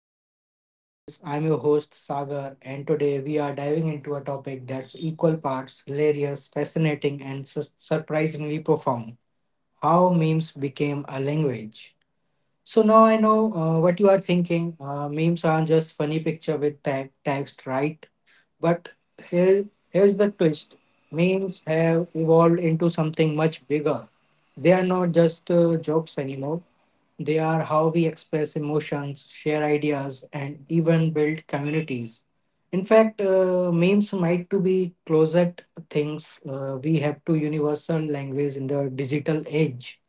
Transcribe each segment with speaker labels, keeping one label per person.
Speaker 1: back to Talk with Viz. I'm your host Sagar, and today we are diving into a topic that's equal parts hilarious, fascinating, and surprisingly profound: how memes became a language. So now I know what you are thinking. Memes aren't just funny picture with tag, text, right? But here's the twist. Memes have evolved into something much bigger. They are not just jokes anymore. They are how we express emotions, share ideas, and even build communities. In fact, memes might to be closet things we have to universal language in the digital age.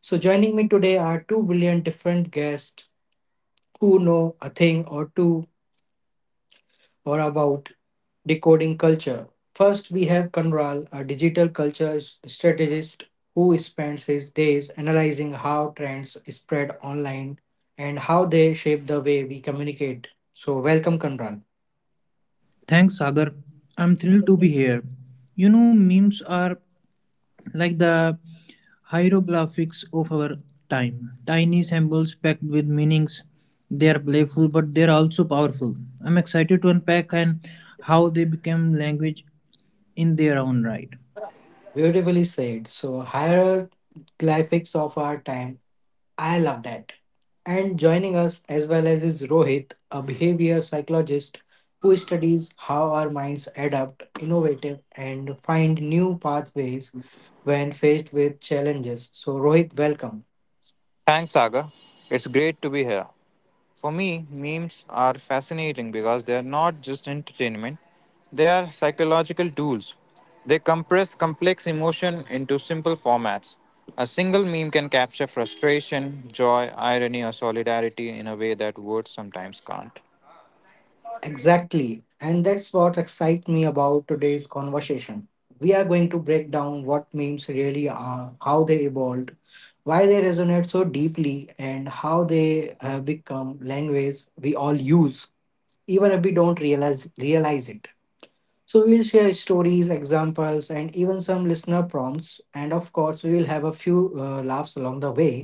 Speaker 1: So, joining me today are two brilliant different guests who know a thing or two or about decoding culture. First, we have Kanral, a digital culture strategist who spends his days analyzing how trends spread online and how they shape the way we communicate. So, welcome, Kanral.
Speaker 2: Thanks, Sagar. I'm thrilled to be here. You know, memes are like the hieroglyphics of our time. Tiny symbols packed with meanings. They are playful, but they are also powerful. I'm excited to unpack and how they became language in their own right.
Speaker 1: Beautifully said. So, hieroglyphics of our time, I love that. And joining us as well as is Rohit, a behavior psychologist who studies how our minds adapt, innovative, and find new pathways when faced with challenges. So, Rohit, welcome.
Speaker 3: Thanks, Saga. It's great to be here. For me, memes are fascinating because they're not just entertainment, they are psychological tools. They compress complex emotion into simple formats. A single meme can capture frustration, joy, irony, or solidarity in a way that words sometimes can't.
Speaker 1: Exactly. And that's what excites me about today's conversation. We are going to break down what memes really are, how they evolved, why they resonate so deeply, and how they have become language we all use, Even if we don't realize it. So we'll share stories, examples, and even some listener prompts, and of course we will have a few laughs along the way.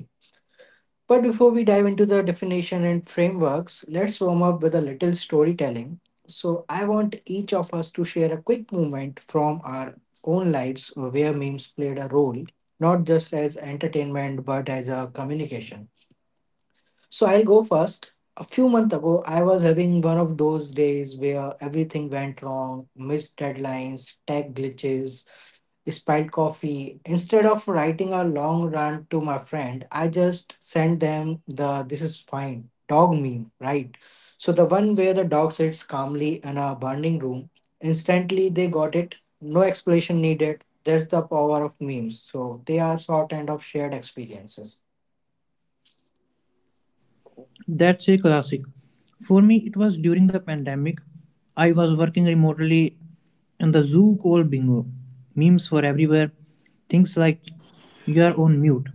Speaker 1: But before we dive into the definition and frameworks, let's warm up with a little storytelling. So I want each of us to share a quick moment from our own lives where memes played a role, not just as entertainment but as a communication. So I'll go first. A few months ago, I was having one of those days where everything went wrong: missed deadlines, tech glitches, spilled coffee. Instead of writing a long rant to my friend, I just sent them the this is fine dog meme, right? So the one where the dog sits calmly in a burning room, instantly they got it. No explanation needed. That's the power of memes. So they are sort and of shared experiences.
Speaker 2: That's a classic. For me, it was during the pandemic. I was working remotely and the zoo called Bingo. Memes were everywhere. Things like, you are on mute.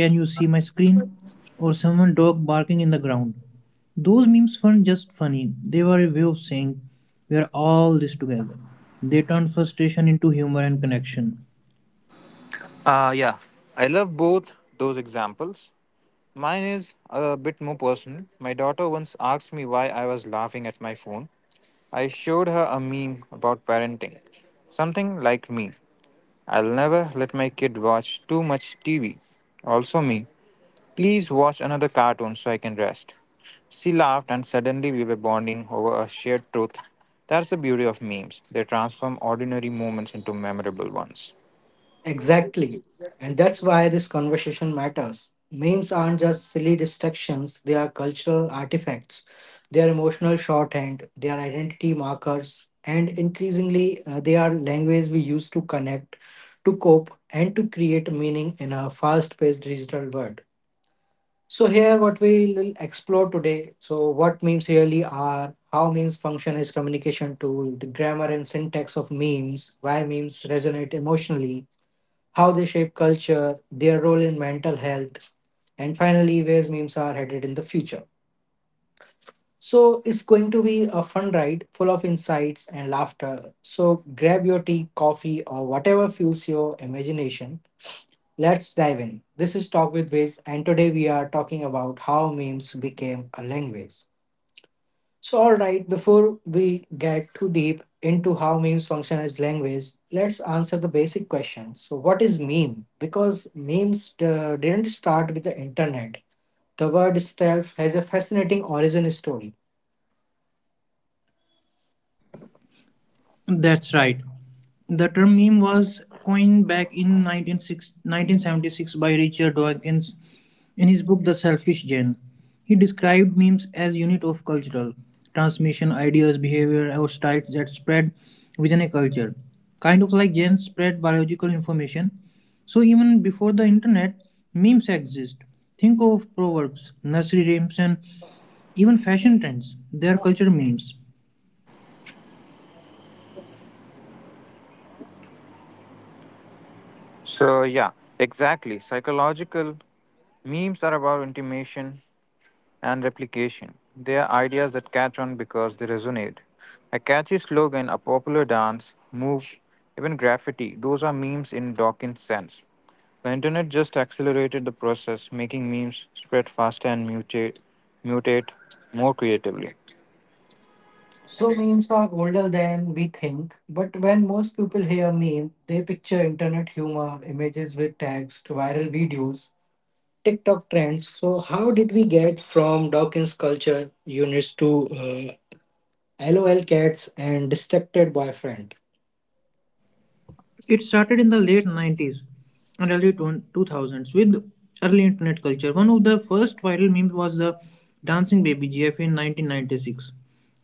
Speaker 2: Can you see my screen? Or someone dog barking in the ground. Those memes weren't just funny, they were a way of saying, we are all this together. They turned frustration into humor and connection.
Speaker 3: Uh, yeah, I love both those examples. Mine is a bit more personal. My daughter once asked me why I was laughing at my phone. I showed her a meme about parenting. Something like, me: I'll never let my kid watch too much TV. Also me: please watch another cartoon so I can rest. She laughed, and suddenly we were bonding over a shared truth. That's the beauty of memes. They transform ordinary moments into memorable ones.
Speaker 1: Exactly. And that's why this conversation matters. Memes aren't just silly distractions, they are cultural artifacts. They are emotional shorthand, they are identity markers, and increasingly, they are language we use to connect, to cope, and to create meaning in a fast paced digital world. So, here what we will explore today: so, what memes really are, how memes function as communication tool, the grammar and syntax of memes, why memes resonate emotionally, how they shape culture, their role in mental health, and finally, where memes are headed in the future. So, it's going to be a fun ride full of insights and laughter. So, grab your tea, coffee, or whatever fuels your imagination. Let's dive in. This is Talk with Viz, and today we are talking about how memes became a language. So, all right, before we get too deep into how memes function as language, let's answer the basic question. So, what is meme? Because memes didn't start with the internet, the word itself has a fascinating origin story.
Speaker 2: That's right. The term meme was coined back in 1976 by Richard Dawkins in his book The Selfish Gene. He described memes as unit of cultural transmission, ideas, behavior, or styles that spread within a culture, kind of like genes spread biological information. So even before the internet, memes exist. Think of proverbs, nursery rhymes, and even fashion trends. They are culture memes.
Speaker 3: So, yeah, exactly. Psychological memes are about intimation and replication. They are ideas that catch on because they resonate. A catchy slogan, a popular dance move, even graffiti, those are memes in Dawkins' sense. The internet just accelerated the process, making memes spread faster and mutate more creatively.
Speaker 1: So, memes are older than we think, but when most people hear meme, they picture internet humor, images with text, viral videos, TikTok trends. So, how did we get from Dawkins culture units to LOL cats and distracted boyfriend?
Speaker 2: It started in the late 90s and early 2000s with early internet culture. One of the first viral memes was the dancing baby GIF in 1996.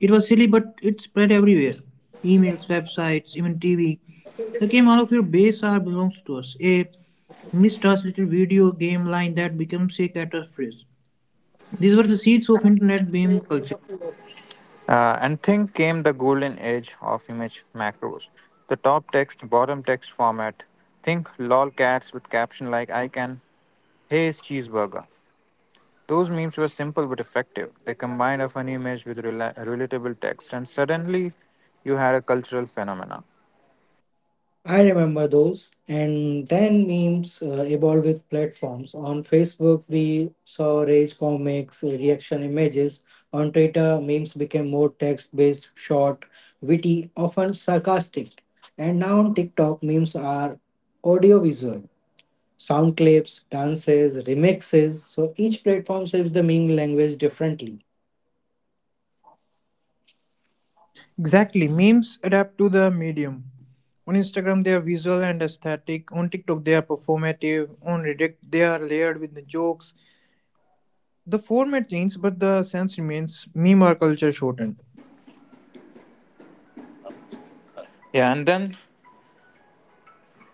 Speaker 2: It was silly, but it spread everywhere, emails, websites, even TV. The came out of your base are belongs to us. A mistranslated video game line that becomes a catchphrase. These were the seeds of internet meme culture.
Speaker 3: And thing came the golden age of image macros. The top text, bottom text format. Think lol cats with caption like I can, hey is cheeseburger. Those memes were simple but effective. They combined a funny image with relatable text, and suddenly you had a cultural phenomena.
Speaker 1: I remember those. And then memes evolved with platforms. On Facebook, we saw rage comics, reaction images. On Twitter, memes became more text based, short, witty, often sarcastic. And now on TikTok, memes are audiovisual sound clips, dances, remixes. So each platform shapes the meme language differently.
Speaker 2: Exactly. Memes adapt to the medium. On Instagram, they are visual and aesthetic. On TikTok, they are performative. On Reddit, they are layered with the jokes. The format changes, but the sense remains meme or culture shortened.
Speaker 3: Yeah, and then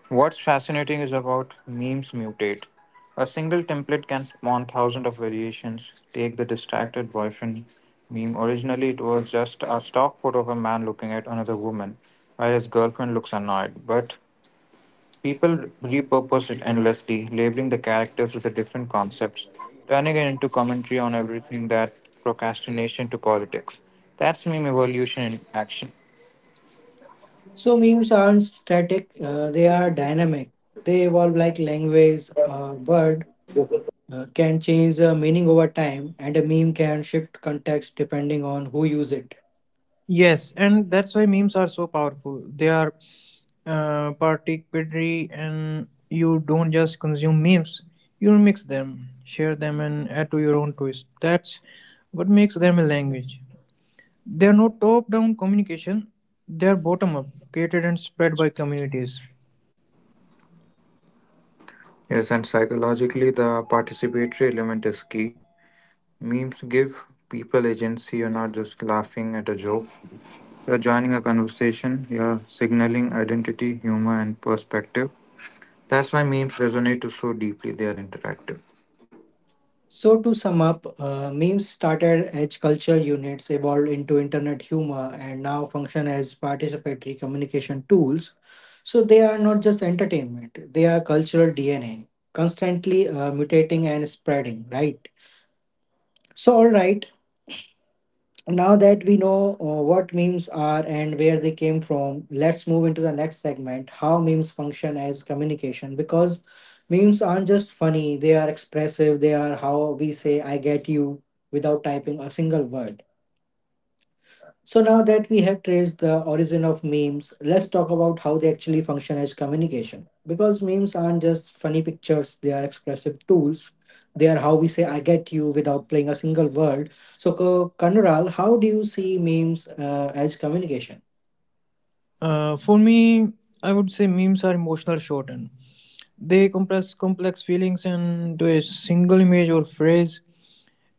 Speaker 3: what's fascinating is about memes mutate. A single template can spawn thousands of variations. Take the distracted boyfriend meme. Originally, it was just a stock photo of a man looking at another woman while his girlfriend looks annoyed. But people repurposed it endlessly, labeling the characters with the different concepts, turning it into commentary on everything that procrastination to politics. That's meme evolution in action.
Speaker 1: So memes aren't static, they are dynamic. They evolve like language. A word can change the meaning over time, and a meme can shift context depending on who use it.
Speaker 2: Yes, and that's why memes are so powerful. They are participatory, and you don't just consume memes, you mix them, share them, and add to your own twist. That's what makes them a language. They are not top down communication, they are bottom up, created and spread by communities.
Speaker 3: Yes, and psychologically, the participatory element is key. Memes give people agency. You're not just laughing at a joke, you're joining a conversation, you're signaling identity, humor, and perspective. That's why memes resonate so deeply, they are interactive.
Speaker 1: So to sum up, memes started as culture units, evolved into internet humor, and now function as participatory communication tools. So they are not just entertainment; they are cultural DNA, constantly mutating and spreading. Right. So, all right, now that we know what memes are and where they came from, let's move into the next segment: how memes function as communication. Because memes aren't just funny, they are expressive. They are how we say I get you without typing a single word. So now that we have traced the origin of memes, let's talk about how they actually function as communication. Because memes aren't just funny pictures, they are expressive tools. They are how we say I get you without playing a single word. So Kanural, how do you see memes as communication?
Speaker 2: For me, I would say memes are emotional shorthand. They compress complex feelings into a single image or phrase.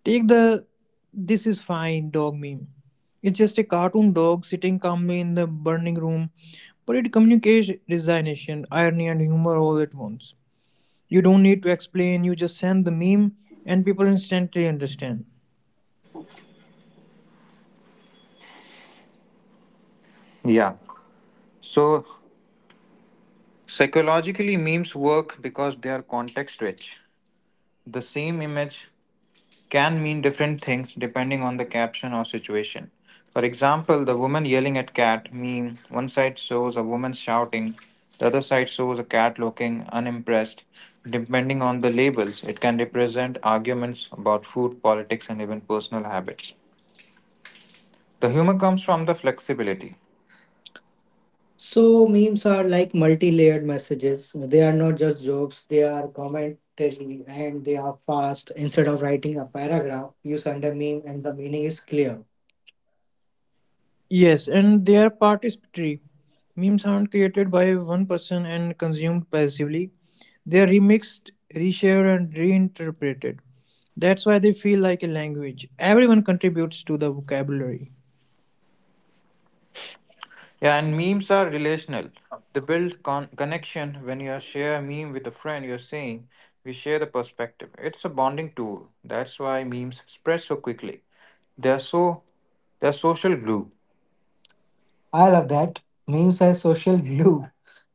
Speaker 2: Take the this is fine dog meme. It's just a cartoon dog sitting calmly in the burning room, but it communicates resignation, irony, and humor all at once. You don't need to explain, you just send the meme, and people instantly understand.
Speaker 3: Yeah. So psychologically, memes work because they are context rich. The same image can mean different things depending on the caption or situation. For example, the woman yelling at cat meme, one side shows a woman shouting, the other side shows a cat looking unimpressed. Depending on the labels, it can represent arguments about food, politics, and even personal habits. The humor comes from the flexibility.
Speaker 1: So memes are like multi-layered messages. They are not just jokes, they are commentary, and they are fast. Instead of writing a paragraph, you send a meme and the meaning is clear.
Speaker 2: Yes, and they are participatory. Memes aren't created by one person and consumed passively. They are remixed, reshared, and reinterpreted. That's why they feel like a language. Everyone contributes to the vocabulary.
Speaker 3: Yeah, and memes are relational. They build connection. When you share a meme with a friend, you're saying, we share the perspective. It's a bonding tool. That's why memes spread so quickly. They are so They're social glue.
Speaker 1: I love that. Memes are social glue,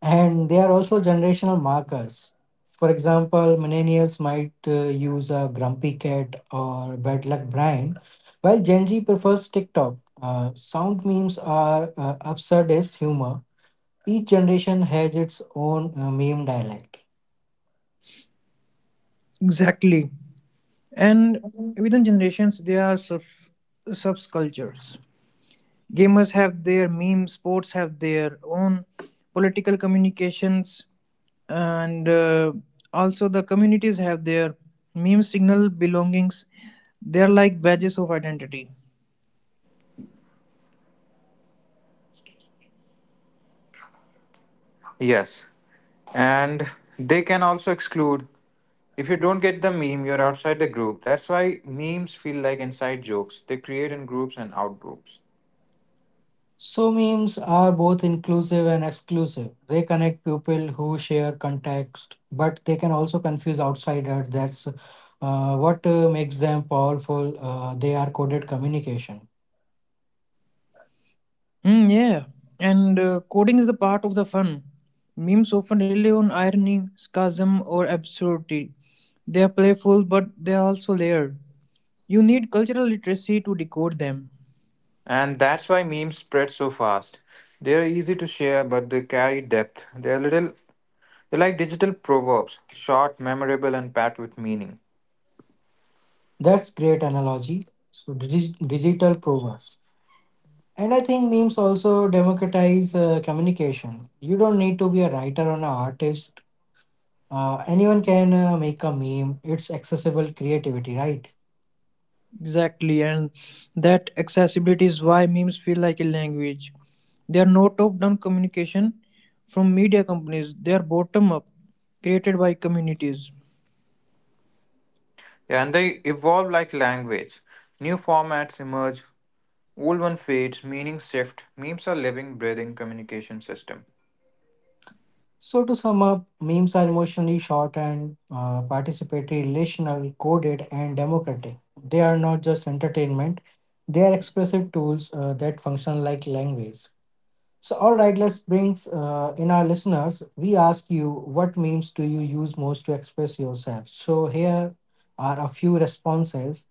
Speaker 1: and they are also generational markers. For example, millennials might use a grumpy cat or bad luck Brian, while Gen Z prefers TikTok. Sound memes are absurdist humor. Each generation has its own meme dialect.
Speaker 2: Exactly. And within generations, there are subcultures. Gamers have their memes, sports have their own political communications, and also the communities have their meme signal belongings. They're like badges of identity.
Speaker 3: Yes. And they can also exclude. If you don't get the meme, you're outside the group. That's why memes feel like inside jokes. They create in groups and out groups.
Speaker 1: So, memes are both inclusive and exclusive. They connect people who share context, but they can also confuse outsiders. That's what makes them powerful. They are coded communication.
Speaker 2: Mm, yeah, and coding is the part of the fun. Memes often rely on irony, sarcasm, or absurdity. They are playful, but they are also layered. You need cultural literacy to decode them.
Speaker 3: And that's why memes spread so fast. They are easy to share, but they carry depth. They are little They're like digital proverbs, short, memorable, and packed with meaning.
Speaker 1: That's great analogy. So, digital provers. And I think memes also democratize communication. You don't need to be a writer or an artist. Anyone can make a meme. It's accessible creativity, right?
Speaker 2: Exactly, and that accessibility is why memes feel like a language. They are not top down communication from media companies, they are bottom up, created by communities.
Speaker 3: Yeah, and they evolve like language. New formats emerge, old one fades, meaning shift. Memes are living, breathing communication system.
Speaker 1: So, to sum up, memes are emotionally short and participatory, relational, coded, and democratic. They are not just entertainment, they are expressive tools that function like language. So, all right, let's bring in our listeners. We ask you, what memes do you use most to express yourself? So, here are a few responses.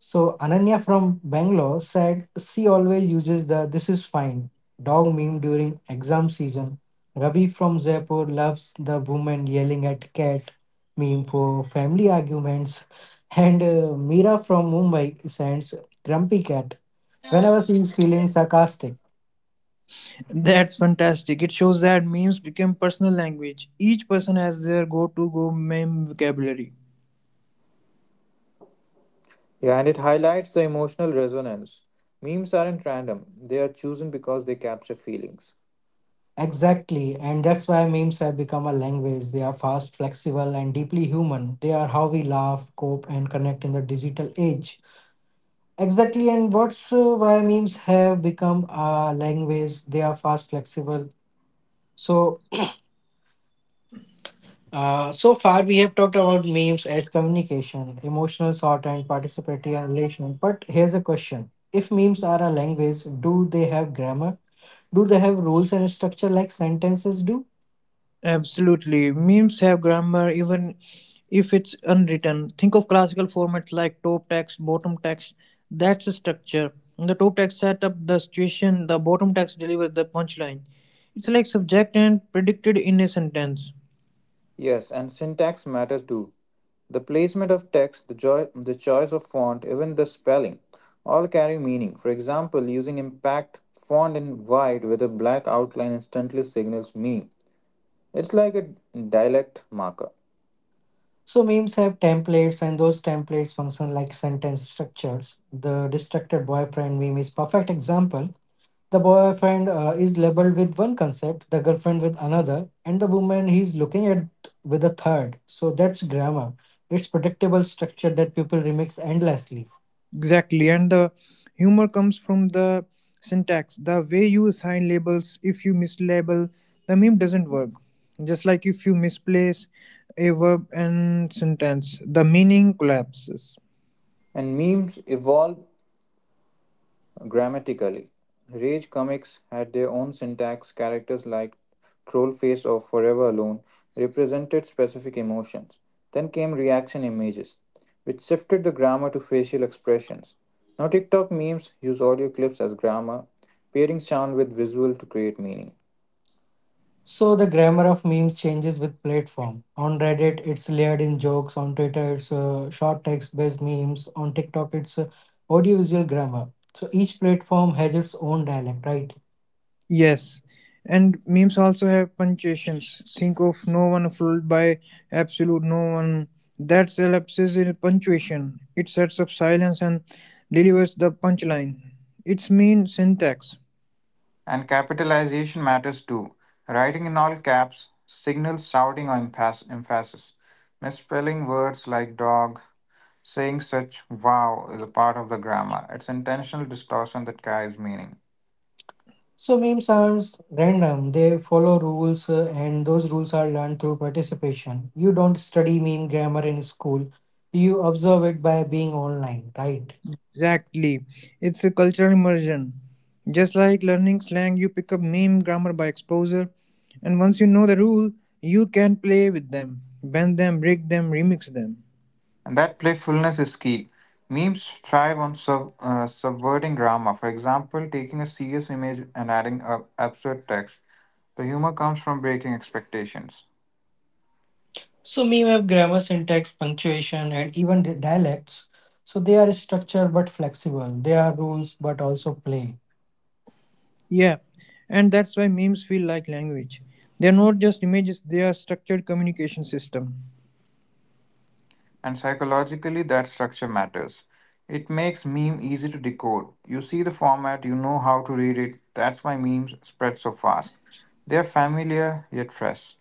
Speaker 1: So Ananya from Bangalore said she always uses the this is fine dog meme during exam season. Ravi from Jaipur loves the woman yelling at cat meme for family arguments. And Meera from Mumbai sends grumpy cat whenever she is feeling sarcastic.
Speaker 2: That's fantastic. It shows that memes become personal language. Each person has their go to go meme vocabulary.
Speaker 3: Yeah, and it highlights the emotional resonance. Memes aren't random, they are chosen because they capture feelings.
Speaker 1: Exactly, and that's why memes have become a language. They are fast, flexible, and deeply human. They are how we laugh, cope, and connect in the digital age. Exactly, and what's why memes have become a language. They are fast, flexible. So, so far we have talked about memes as communication, emotional, sort, and participatory and relational. But here's a question: if memes are a language, do they have grammar? Do they have rules and structure like sentences do?
Speaker 2: Absolutely. Memes have grammar even if it's unwritten. Think of classical formats like top text, bottom text. That's a structure. The top text set up the situation, the bottom text delivers the punchline. It's like subject and predicted in a sentence.
Speaker 3: Yes, and syntax matter too. The placement of text, the, joy, the choice of font, even the spelling, all carry meaning. For example, using impact font in white with a black outline instantly signals meaning. It's like a dialect marker.
Speaker 1: So memes have templates, and those templates function like sentence structures. The distracted boyfriend meme is perfect example. The boyfriend is labeled with one concept, the girlfriend with another, and the woman he's looking at with a third. So that's grammar. It's predictable structure that people remix endlessly.
Speaker 2: Exactly. And the humor comes from the syntax. The way you assign labels, if you mislabel, the meme doesn't work. Just like if you misplace a verb and sentence, the meaning collapses.
Speaker 3: And memes evolve grammatically. Rage comics had their own syntax. Characters like Trollface or Forever Alone represented specific emotions. Then came reaction images, which shifted the grammar to facial expressions. Now, TikTok memes use audio clips as grammar, pairing sound with visual to create meaning.
Speaker 1: So the grammar of memes changes with platform. On Reddit, it's layered in jokes. On Twitter, it's short text-based memes. On TikTok, it's audiovisual grammar. So each platform has its own dialect, right?
Speaker 2: Yes, and memes also have punctuations. Think of no one fooled by absolute no one. That elapses in punctuation. It sets up silence and delivers the punchline. It's mean syntax.
Speaker 3: And capitalization matters too. Writing in all caps signals shouting or emphasis. Misspelling words like dog, saying such wow is a part of the grammar. It's intentional distortion that carries meaning.
Speaker 1: So memes are random. They follow rules, and those rules are learned through participation. You don't study meme grammar in school. You observe it by being online, right?
Speaker 2: Exactly. It's a cultural immersion. Just like learning slang, you pick up meme grammar by exposure, and once you know the rule, you can play with them, bend them, break them, remix them.
Speaker 3: And that playfulness is key. Memes thrive on subverting grammar. For example, taking a serious image and adding a absurd text. The humor comes from breaking expectations.
Speaker 1: So meme have grammar, syntax, punctuation, and even dialects. So they are structured but flexible. They are rules but also play.
Speaker 2: Yeah, and that's why memes feel like language. They're not just images, they are structured communication system.
Speaker 3: And psychologically, that structure matters. It makes meme easy to decode. You see the format, you know how to read it. That's why memes spread so fast. They're familiar yet fresh.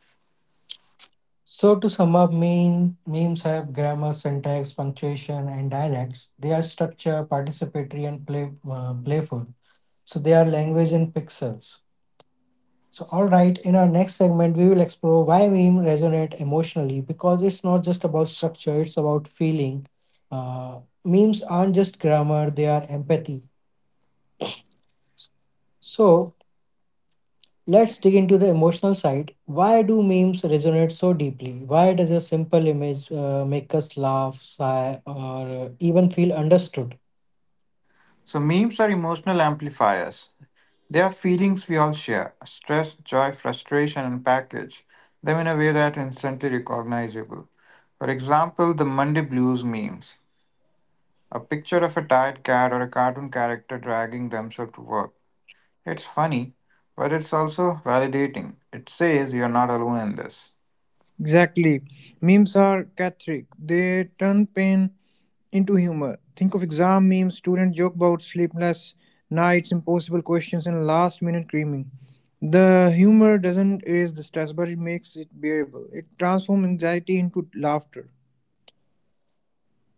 Speaker 1: So to sum up, memes have grammar, syntax, punctuation, and dialects. They are structured, participatory, and playful. So they are language in pixels. So, all right, in our next segment, we will explore why memes resonate emotionally, because it's not just about structure, it's about feeling. Memes aren't just grammar, they are empathy. So, let's dig into the emotional side. Why do memes resonate so deeply? Why does a simple image make us laugh, sigh, or even feel understood?
Speaker 3: So memes are emotional amplifiers. They are feelings we all share stress, joy, frustration, and package them in a way that instantly recognizable. For example, the Monday blues memes a picture of a tired cat or a cartoon character dragging themselves to work. It's funny, but it's also validating. It says you're not alone in this.
Speaker 2: Exactly. Memes are cathartic. They turn pain into humor. Think of exam memes, student joke about sleepless nights, impossible questions, and last minute creaming. The humor doesn't erase the stress, but it makes it bearable. It transforms anxiety into laughter.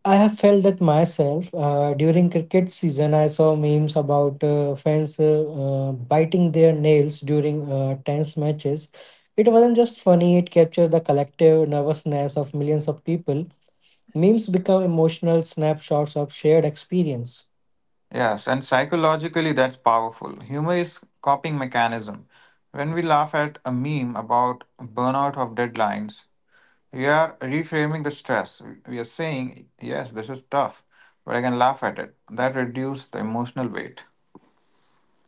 Speaker 1: I have felt that myself. During cricket season, I saw memes about fans biting their nails during tense matches. It wasn't just funny, it captured the collective nervousness of millions of people. Memes become emotional snapshots of shared experience.
Speaker 3: Yes, and psychologically that's powerful. Humor is coping mechanism. When we laugh at a meme about burnout of deadlines, we are reframing the stress. We are saying, yes, this is tough, but I can laugh at it. That reduces the emotional weight.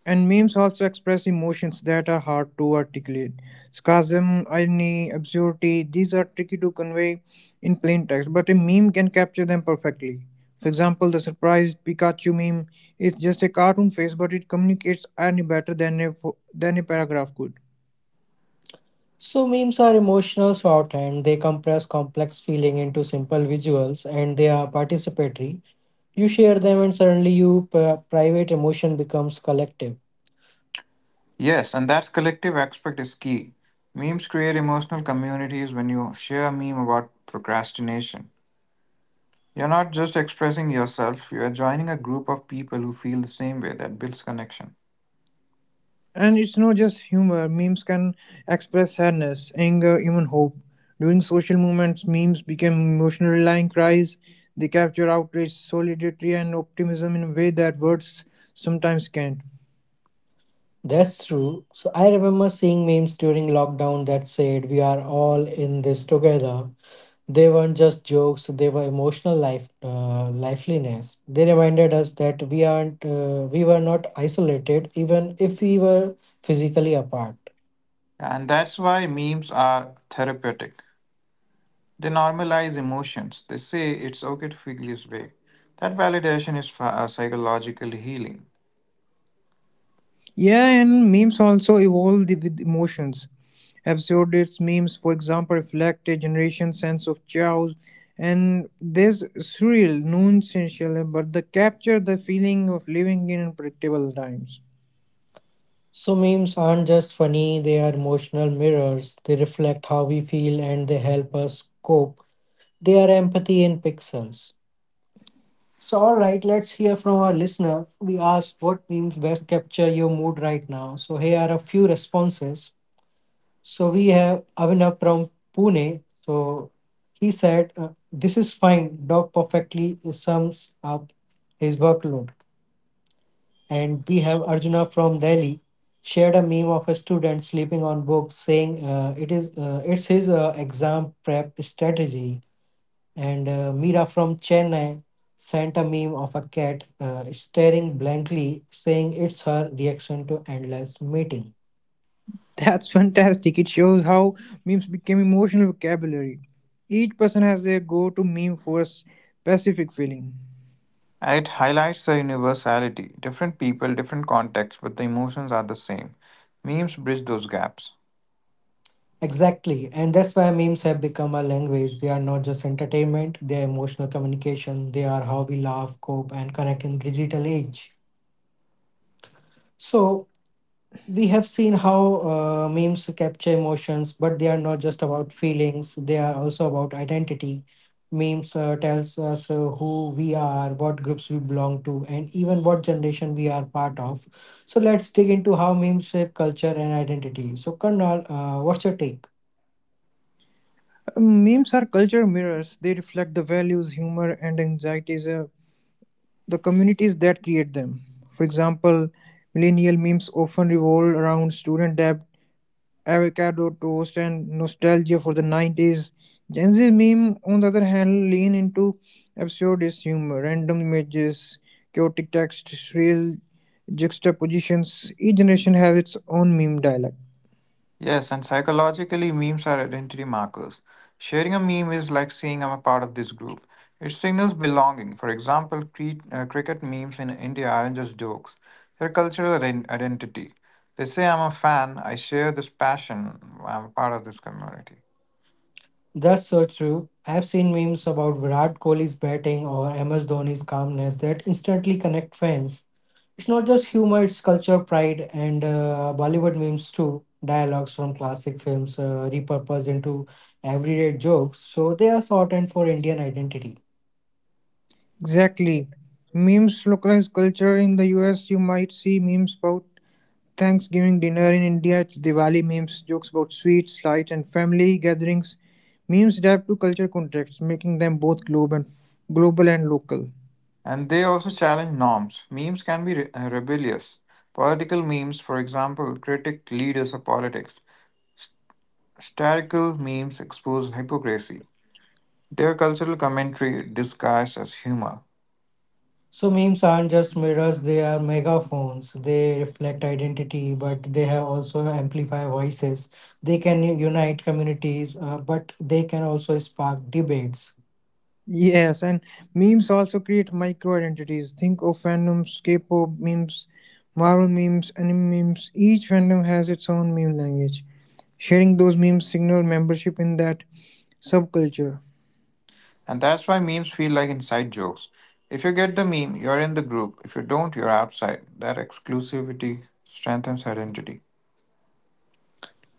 Speaker 2: And memes also express emotions that are hard to articulate. Sarcasm, irony, absurdity, these are tricky to convey in plain text, but a meme can capture them perfectly. For example, the surprised Pikachu meme is just a cartoon face, but it communicates irony better than a, than a paragraph could.
Speaker 1: So, memes are emotional shorthand. They compress complex feeling into simple visuals, and they are participatory. You share them, and suddenly your private emotion becomes collective.
Speaker 3: Yes, and that collective aspect is key. Memes create emotional communities. When you share a meme about procrastination, you're not just expressing yourself, you are joining a group of people who feel the same way. That builds connection.
Speaker 2: And it's not just humor, memes can express sadness, anger, even hope. During social movements, memes became emotional rallying cries. They capture outrage, solidarity, and optimism in a way that words sometimes can't.
Speaker 1: That's true. So I remember seeing memes during lockdown that said, we are all in this together. They weren't just jokes, they were emotional liveliness. They reminded us that we were not isolated, even if we were physically apart.
Speaker 3: And that's why memes are therapeutic. They normalize emotions, they say it's okay to feel this way. That validation is psychologically healing.
Speaker 2: Yeah, and memes also evolve with emotions. Absurdist memes, for example, reflect a generation's sense of chaos, and there's surreal, nonsensical, but they capture the feeling of living in unpredictable times.
Speaker 1: So memes aren't just funny, they are emotional mirrors. They reflect how we feel and they help us cope. They are empathy in pixels. So, all right, let's hear from our listener. We asked what memes best capture your mood right now. So, here are a few responses. So, we have Avinav from Pune. So, he said, this is fine. Dog perfectly sums up his workload. And we have Arjuna from Delhi shared a meme of a student sleeping on books saying it's his exam prep strategy and Mira from Chennai sent a meme of a cat staring blankly, saying it's her reaction to endless meeting.
Speaker 2: That's fantastic. It shows how memes became emotional vocabulary. Each person has their go to meme for a specific feeling.
Speaker 3: It highlights the universality. Different people, different contexts, but the emotions are the same. Memes bridge those gaps.
Speaker 1: Exactly, and that's why memes have become a language. They are not just entertainment, they are emotional communication, they are how we laugh, cope, and connect in digital age. So, we have seen how memes capture emotions, but they are not just about feelings, they are also about identity. Memes tells us who we are, what groups we belong to, and even what generation we are part of. So let's dig into how memes shape culture and identity. So Karnal, what's your take?
Speaker 2: Memes are culture mirrors, they reflect the values, humor, and anxieties of the communities that create them. For example, millennial memes often revolve around student debt, avocado toast and nostalgia for the 90s. Gen Z meme, on the other hand, lean into absurdist humor, random images, chaotic text, real juxtapositions. Each generation has its own meme dialect.
Speaker 3: Yes, and psychologically, memes are identity markers. Sharing a meme is like saying I'm a part of this group. It signals belonging. For example, cricket memes in India aren't just jokes, they're cultural identity. They say I'm a fan, I share this passion, I'm a part of this community.
Speaker 1: That's so true. I've seen memes about Virat Kohli's batting or MS Dhoni's calmness that instantly connect fans. It's not just humor, it's culture, pride, and Bollywood memes too. Dialogues from classic films repurposed into everyday jokes, so they are shortened for Indian identity.
Speaker 2: Exactly. Memes localize culture in the US. You might see memes about Thanksgiving dinner in India. It's Diwali memes, jokes about sweets, lights, and family gatherings. Memes adapt to culture contexts, making them both globe and global and local.
Speaker 3: And they also challenge norms. Memes can be rebellious. Political memes, for example, critic leaders of politics. Satirical memes expose hypocrisy. Their cultural commentary disguised as humor.
Speaker 1: So memes aren't just mirrors, they are megaphones. They reflect identity, but they have also amplify voices. They can unite communities, but they can also spark debates.
Speaker 2: Yes, and memes also create micro identities. Think of fandoms, K-pop memes, Marvel memes, anime memes. Each fandom has its own meme language. Sharing those memes signal membership in that subculture.
Speaker 3: And that's why memes feel like inside jokes. If you get the meme, you're in the group. If you don't, you're outside. That exclusivity strengthens identity.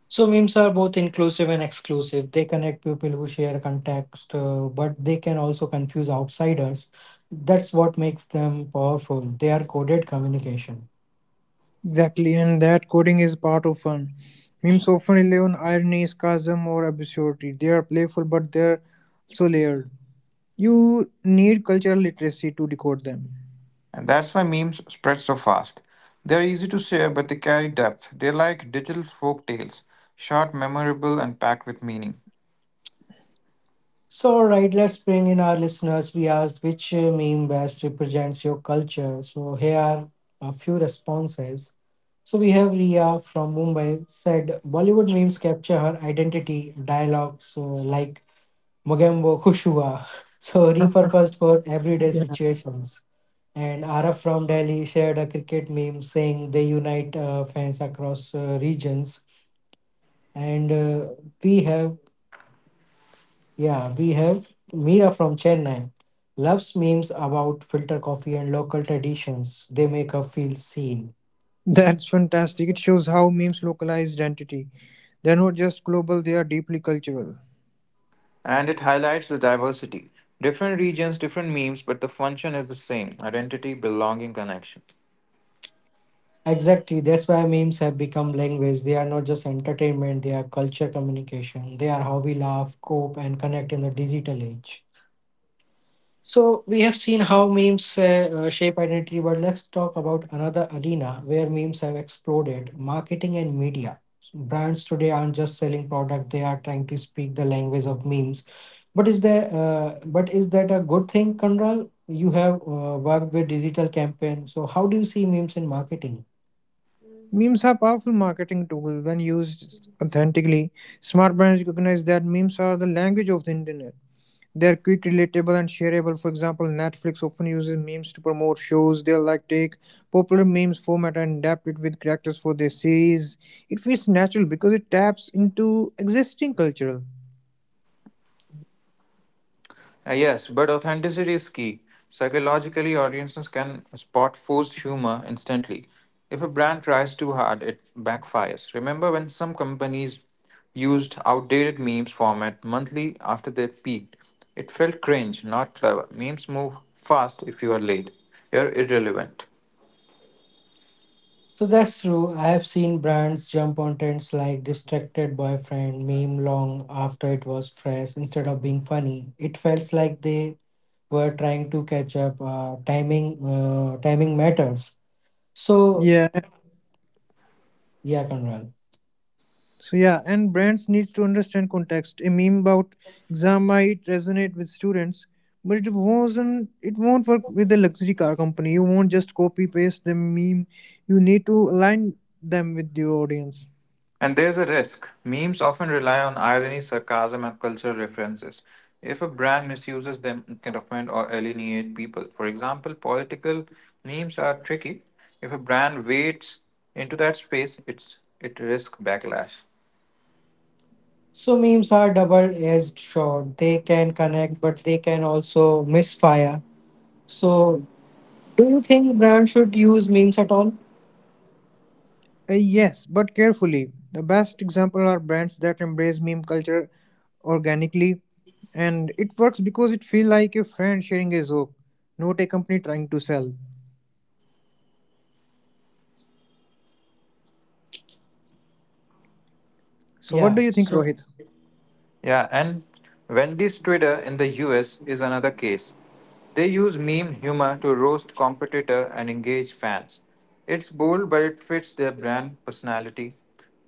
Speaker 1: So memes are both inclusive and exclusive. They connect people who share context, but they can also confuse outsiders. That's what makes them powerful. They are coded communication.
Speaker 2: Exactly, and that coding is part of fun. Memes often rely on irony, sarcasm, or absurdity. They are playful, but they're so layered. You need cultural literacy to decode them.
Speaker 3: And that's why memes spread so fast. They're easy to share, but they carry depth. They're like digital folk tales, short, memorable, and packed with meaning.
Speaker 1: So, all right, let's bring in our listeners. We asked which meme best represents your culture. So, here are a few responses. So, we have Ria from Mumbai said Bollywood memes capture her identity, dialogues so like Mugembo Kushua, so repurposed for everyday
Speaker 2: Yeah.
Speaker 1: situations. And Araf from Delhi shared a cricket meme saying they unite fans across regions. And we have, yeah, we have Mira from Chennai loves memes about filter coffee and local traditions. They make her feel seen.
Speaker 2: That's fantastic. It shows how memes localize identity. They're not just global, they are deeply cultural.
Speaker 3: And it highlights the diversity. Different regions, different memes, but the function is the same identity, belonging, connection.
Speaker 1: Exactly, that's why memes have become language. They are not just entertainment, they are culture communication. They are how we laugh, cope, and connect in the digital age. So we have seen how memes shape identity, but let's talk about another arena where memes have exploded: marketing and media. Brands today aren't just selling product; they are trying to speak the language of memes. But is there? But is that a good thing, Kanral? You have worked with digital campaign, so how do you see memes in marketing?
Speaker 2: Memes are powerful marketing tools when used authentically. Smart brands recognize that memes are the language of the internet. They're quick, relatable, and shareable. For example, Netflix often uses memes to promote shows. They like take popular memes format and adapt it with characters for their series. It feels natural because it taps into existing cultural.
Speaker 3: Yes, but authenticity is key. Psychologically, audiences can spot forced humor instantly. If a brand tries too hard, it backfires. Remember when some companies used outdated memes format monthly after they peaked? It felt cringe, not clever. Memes move fast. If you are late, you're irrelevant.
Speaker 1: So that's true. I have seen brands jump on trends like distracted boyfriend meme long after it was fresh. Instead of being funny, it felt like they were trying to catch up. Timing matters. So
Speaker 2: Yeah,
Speaker 1: yeah, Conrad.
Speaker 2: and brands needs to understand context. A meme about exam might resonate with students, but it wasn't. It won't work with a luxury car company. You won't just copy paste the meme. You need to align them with your audience.
Speaker 3: And there's a risk. Memes often rely on irony, sarcasm, and cultural references. If a brand misuses them, it can offend or alienate people. For example, political memes are tricky. If a brand wades into that space, it risks backlash.
Speaker 1: So memes are double-edged sword. They can connect, but they can also misfire. So do you think brands should use memes at all?
Speaker 2: Yes, but carefully. The best example are brands that embrace meme culture organically, and it works because it feels like a friend sharing a joke, not a company trying to sell. So what
Speaker 1: Yeah.
Speaker 2: do you think,
Speaker 1: So
Speaker 2: Rohit?
Speaker 3: Yeah, and Wendy's Twitter in the US is another case. They use meme humor to roast competitor and engage fans. It's bold, but it fits their brand personality.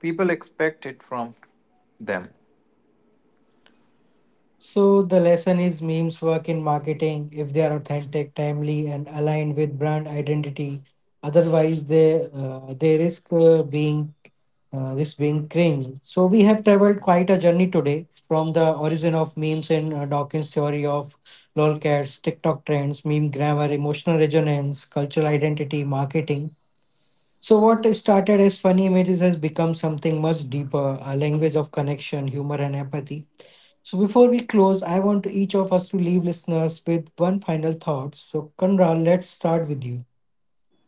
Speaker 3: People expect it from them.
Speaker 1: so the lesson is memes work in marketing if they are authentic, timely, and aligned with brand identity. Otherwise, they risk being cringe. So we have traveled quite a journey today from the origin of memes in Dawkins' theory of lolcats, TikTok trends, meme grammar, emotional resonance, cultural identity, marketing. So what started as funny images has become something much deeper, a language of connection, humor, and empathy. So before we close, I want to each of us to leave listeners with one final thought. So Kanra, let's start with you.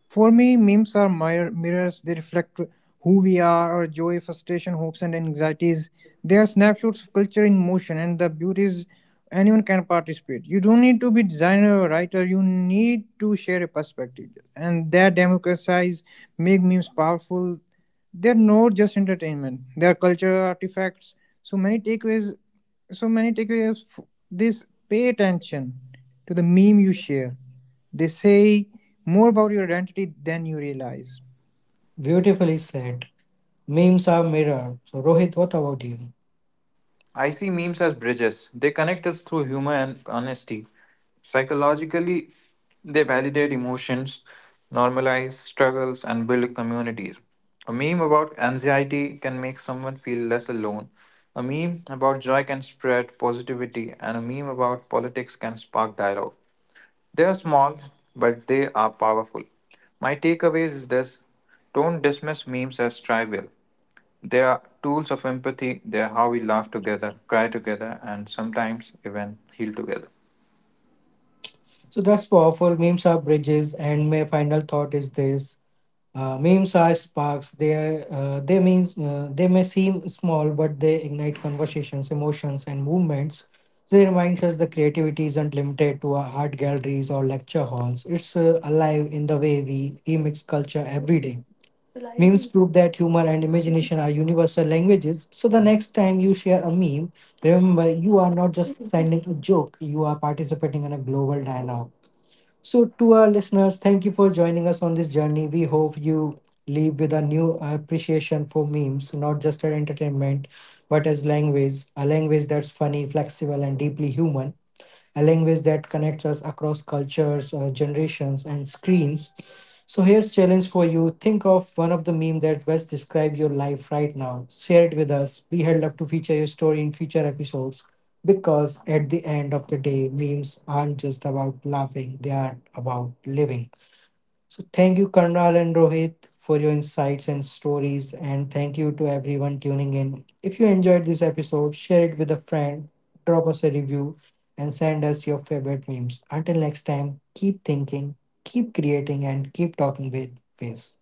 Speaker 2: For me, memes are mirrors. They reflect who we are, our joy, frustration, hopes, and anxieties. They are snapshots of culture in motion, and the beauty is anyone can participate. You don't need to be designer or writer, you need to share a perspective, and that democratize make memes powerful. They're not just entertainment, they're cultural artifacts. So many takeaways so many takeaways f- this pay attention to the meme you share, they say more about your identity than you realize.
Speaker 1: Beautifully said. Memes are mirror. So Rohit, what about you?
Speaker 3: I see memes as bridges. They connect us through humor and honesty. Psychologically, they validate emotions, normalize struggles, and build communities. A meme about anxiety can make someone feel less alone. A meme about joy can spread positivity, and a meme about politics can spark dialogue. They are small, but they are powerful. My takeaway is this: don't dismiss memes as trivial. They are tools of empathy. They are how we laugh together, cry together, and sometimes even heal together.
Speaker 1: So that's powerful. Memes are bridges, and my final thought is this: memes are sparks. They may seem small, but they ignite conversations, emotions, and movements. They remind us that creativity isn't limited to our art galleries or lecture halls. It's alive in the way we remix culture every day. Memes prove that humor and imagination are universal languages. So the next time you share a meme, remember you are not just sending a joke, you are participating in a global dialogue. So, to our listeners, thank you for joining us on this journey. We hope you leave with a new appreciation for memes, not just as entertainment, but as language, a language that's funny, flexible, and deeply human, a language that connects us across cultures, generations, and screens. So here's challenge for you. Think of one of the meme that best describe your life right now. Share it with us. We had love to feature your story in future episodes because at the end of the day, memes aren't just about laughing; they are about living. So thank you, Karnal and Rohit, for your insights and stories. And thank you to everyone tuning in. If you enjoyed this episode, share it with a friend, drop us a review, and send us your favorite memes. Until next time, keep thinking, keep creating, and keep talking with Face.